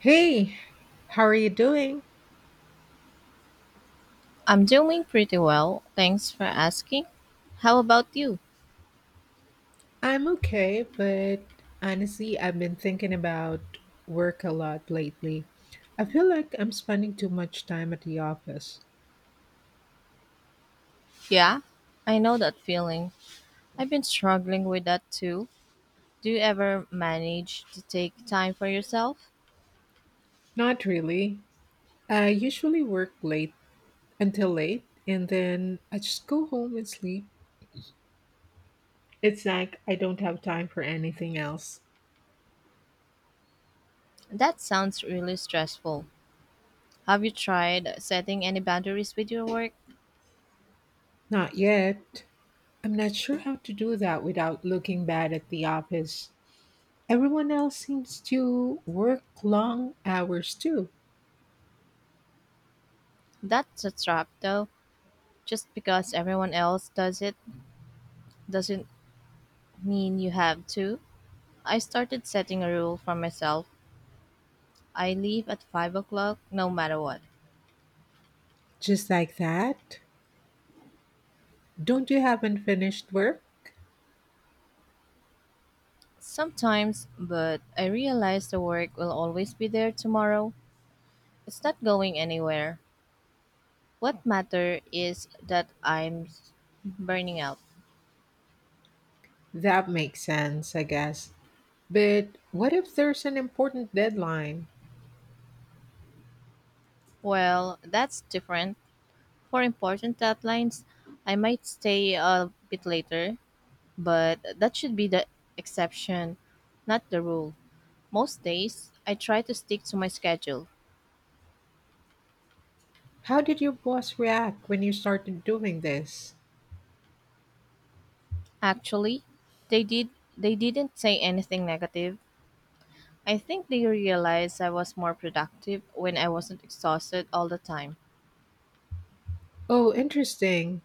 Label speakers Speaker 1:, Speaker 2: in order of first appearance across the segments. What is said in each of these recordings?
Speaker 1: Hey, how are you doing?
Speaker 2: I'm doing pretty well, thanks for asking. How about you?
Speaker 1: I'm okay, but honestly, I've been thinking about work a lot lately. I feel like I'm spending too much time at the office.
Speaker 2: Yeah, I know that feeling. I've been struggling with that too. Do you ever manage to take time for yourself?
Speaker 1: Not really. I usually work late until late, and then I just go home and sleep. It's like I don't have time for anything else.
Speaker 2: That sounds really stressful. Have you tried setting any boundaries with your work?
Speaker 1: Not yet. I'm not sure how to do that without looking bad at the office. Everyone else seems to work long hours too.
Speaker 2: That's a trap though. Just because everyone else does it doesn't mean you have to. I started setting a rule for myself. I leave at 5 o'clock no matter what.
Speaker 1: Just like that? Don't you have unfinished work?
Speaker 2: Sometimes, but I realize the work will always be there tomorrow. It's not going anywhere. What matter is that I'm burning out.
Speaker 1: That makes sense, I guess. But what if there's an important deadline?
Speaker 2: Well, that's different. For important deadlines, I might stay a bit later, but that should be the exception, not the rule. Most days, I try to stick to my schedule.
Speaker 1: How did your boss react when you started doing this?
Speaker 2: Actually, they did they didn't say anything negative. I think they realized I was more productive when I wasn't exhausted all the time.
Speaker 1: Oh, interesting.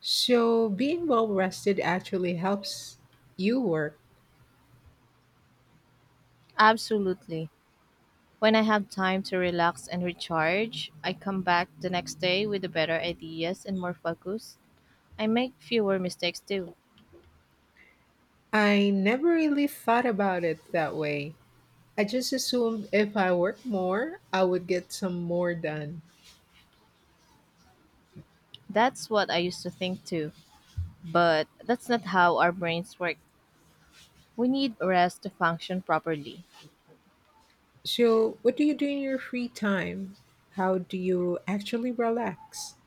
Speaker 1: So, being well rested actually helps you work.
Speaker 2: Absolutely. When I have time to relax and recharge, I come back the next day with the better ideas and more focus. I make fewer mistakes too.
Speaker 1: I never really thought about it that way. I just assumed if I worked more, I would get some more done.
Speaker 2: That's what I used to think too. But that's not how our brains work. We need rest to function properly.
Speaker 1: So, what do you do in your free time? How do you actually relax?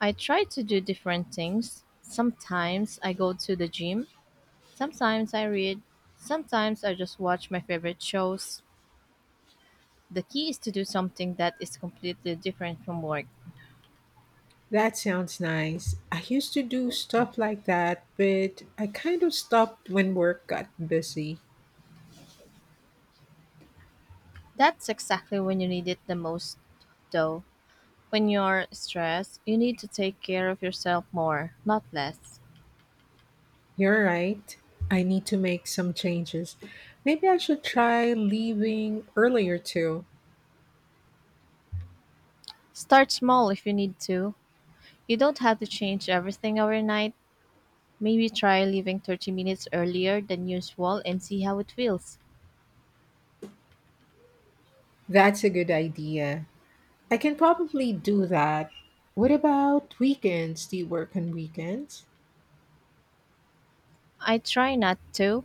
Speaker 2: I try to do different things. Sometimes I go to the gym, sometimes I read, sometimes I just watch my favorite shows. The key is to do something that is completely different from work.
Speaker 1: That sounds nice. I used to do stuff like that, but I kind of stopped when work got busy.
Speaker 2: That's exactly when you need it the most, though. When you're stressed, you need to take care of yourself more, not less.
Speaker 1: You're right. I need to make some changes. Maybe I should try leaving earlier too.
Speaker 2: Start small if you need to. You don't have to change everything overnight. Maybe try leaving 30 minutes earlier than usual and see how it feels.
Speaker 1: That's a good idea. I can probably do that. What about weekends? Do you work on weekends?
Speaker 2: I try not to.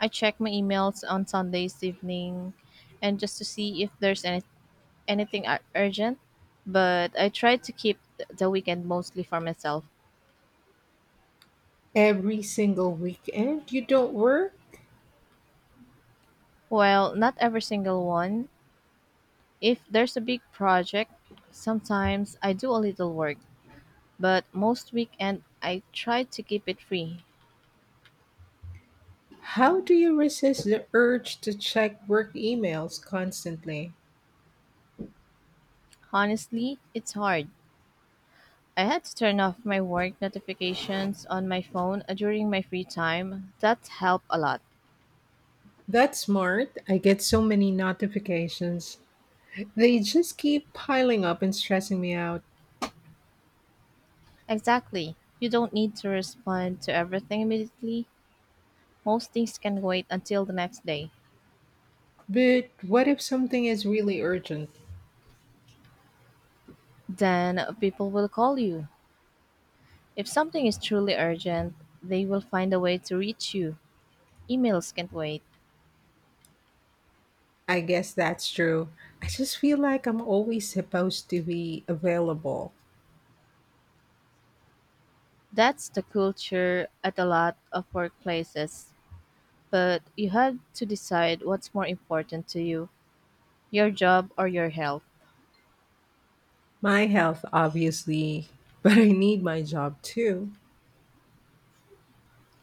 Speaker 2: I check my emails on Sundays evening and just to see if there's anything urgent, but I try to keep the weekend mostly for myself.
Speaker 1: Every single weekend you don't work?
Speaker 2: Well, not every single one. If there's a big project, sometimes I do a little work, but most weekend I try to keep it free.
Speaker 1: How do you resist the urge to check work emails constantly?
Speaker 2: Honestly, it's hard. I had to turn off my work notifications on my phone during my free time. That helped a lot.
Speaker 1: That's smart. I get so many notifications. They just keep piling up and stressing me out.
Speaker 2: Exactly. You don't need to respond to everything immediately. Most things can wait until the next day.
Speaker 1: But what if something is really urgent?
Speaker 2: Then people will call you. If something is truly urgent, they will find a way to reach you. Emails can't wait.
Speaker 1: I guess that's true. I just feel like I'm always supposed to be available.
Speaker 2: That's the culture at a lot of workplaces. But you had to decide what's more important to you, your job or your health.
Speaker 1: My health, obviously, but I need my job too.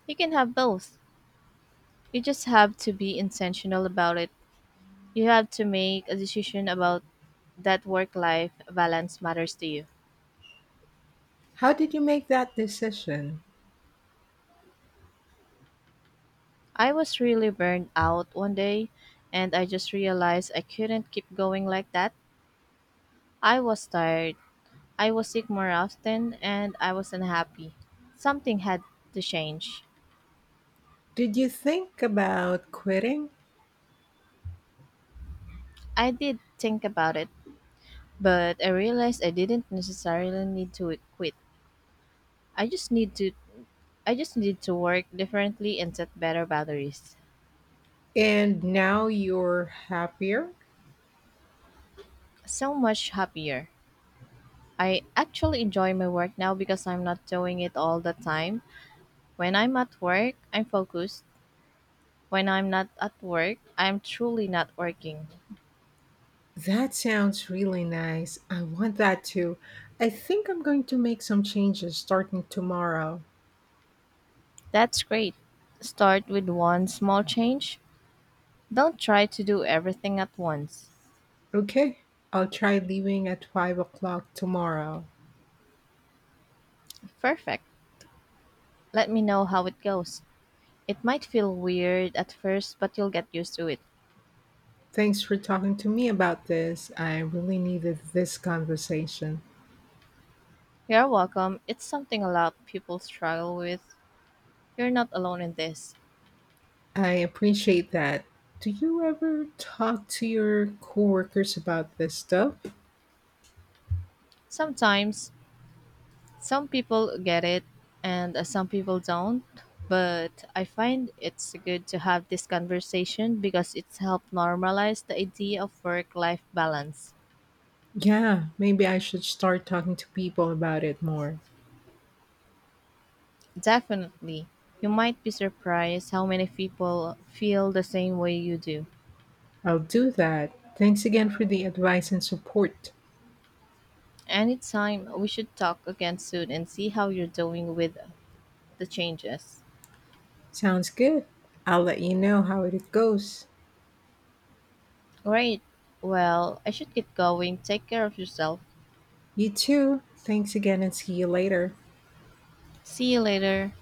Speaker 2: You can have both. You just have to be intentional about it. You have to make a decision about that work life balance matters to you.
Speaker 1: How did you make that decision?
Speaker 2: I was really burned out one day, and I just realized I couldn't keep going like that. I was tired. I was sick more often and I was unhappy. Something had to change.
Speaker 1: Did you think about quitting
Speaker 2: I did think about it, but I realized I didn't necessarily need to quit. I just need to I just need to work differently and set better boundaries.
Speaker 1: and now you're happier?
Speaker 2: So much happier. I actually enjoy my work now because I'm not doing it all the time. When I'm at work, I'm focused. When I'm not at work, I'm truly not working.
Speaker 1: That sounds really nice. I want that too. I think I'm going to make some changes starting tomorrow.
Speaker 2: That's great. Start with one small change. Don't try to do everything at once.
Speaker 1: Okay, I'll try leaving at 5 o'clock tomorrow.
Speaker 2: Perfect. Let me know how it goes. It might feel weird at first, but you'll get used to it.
Speaker 1: Thanks for talking to me about this. I really needed this conversation.
Speaker 2: You're welcome. It's something a lot of people struggle with. You're not alone in this.
Speaker 1: I appreciate that. Do you ever talk to your coworkers about this stuff?
Speaker 2: Sometimes some people get it and some people don't, but I find it's good to have this conversation because it's helped normalize the idea of work life balance.
Speaker 1: Yeah, maybe I should start talking to people about it more.
Speaker 2: Definitely. You might be surprised how many people feel the same way you do.
Speaker 1: I'll do that. Thanks again for the advice and support.
Speaker 2: Anytime, we should talk again soon and see how you're doing with the changes.
Speaker 1: Sounds good. I'll let you know how it goes.
Speaker 2: Great. Well, I should get going. Take care of yourself.
Speaker 1: You too. Thanks again and see you later.
Speaker 2: See you later.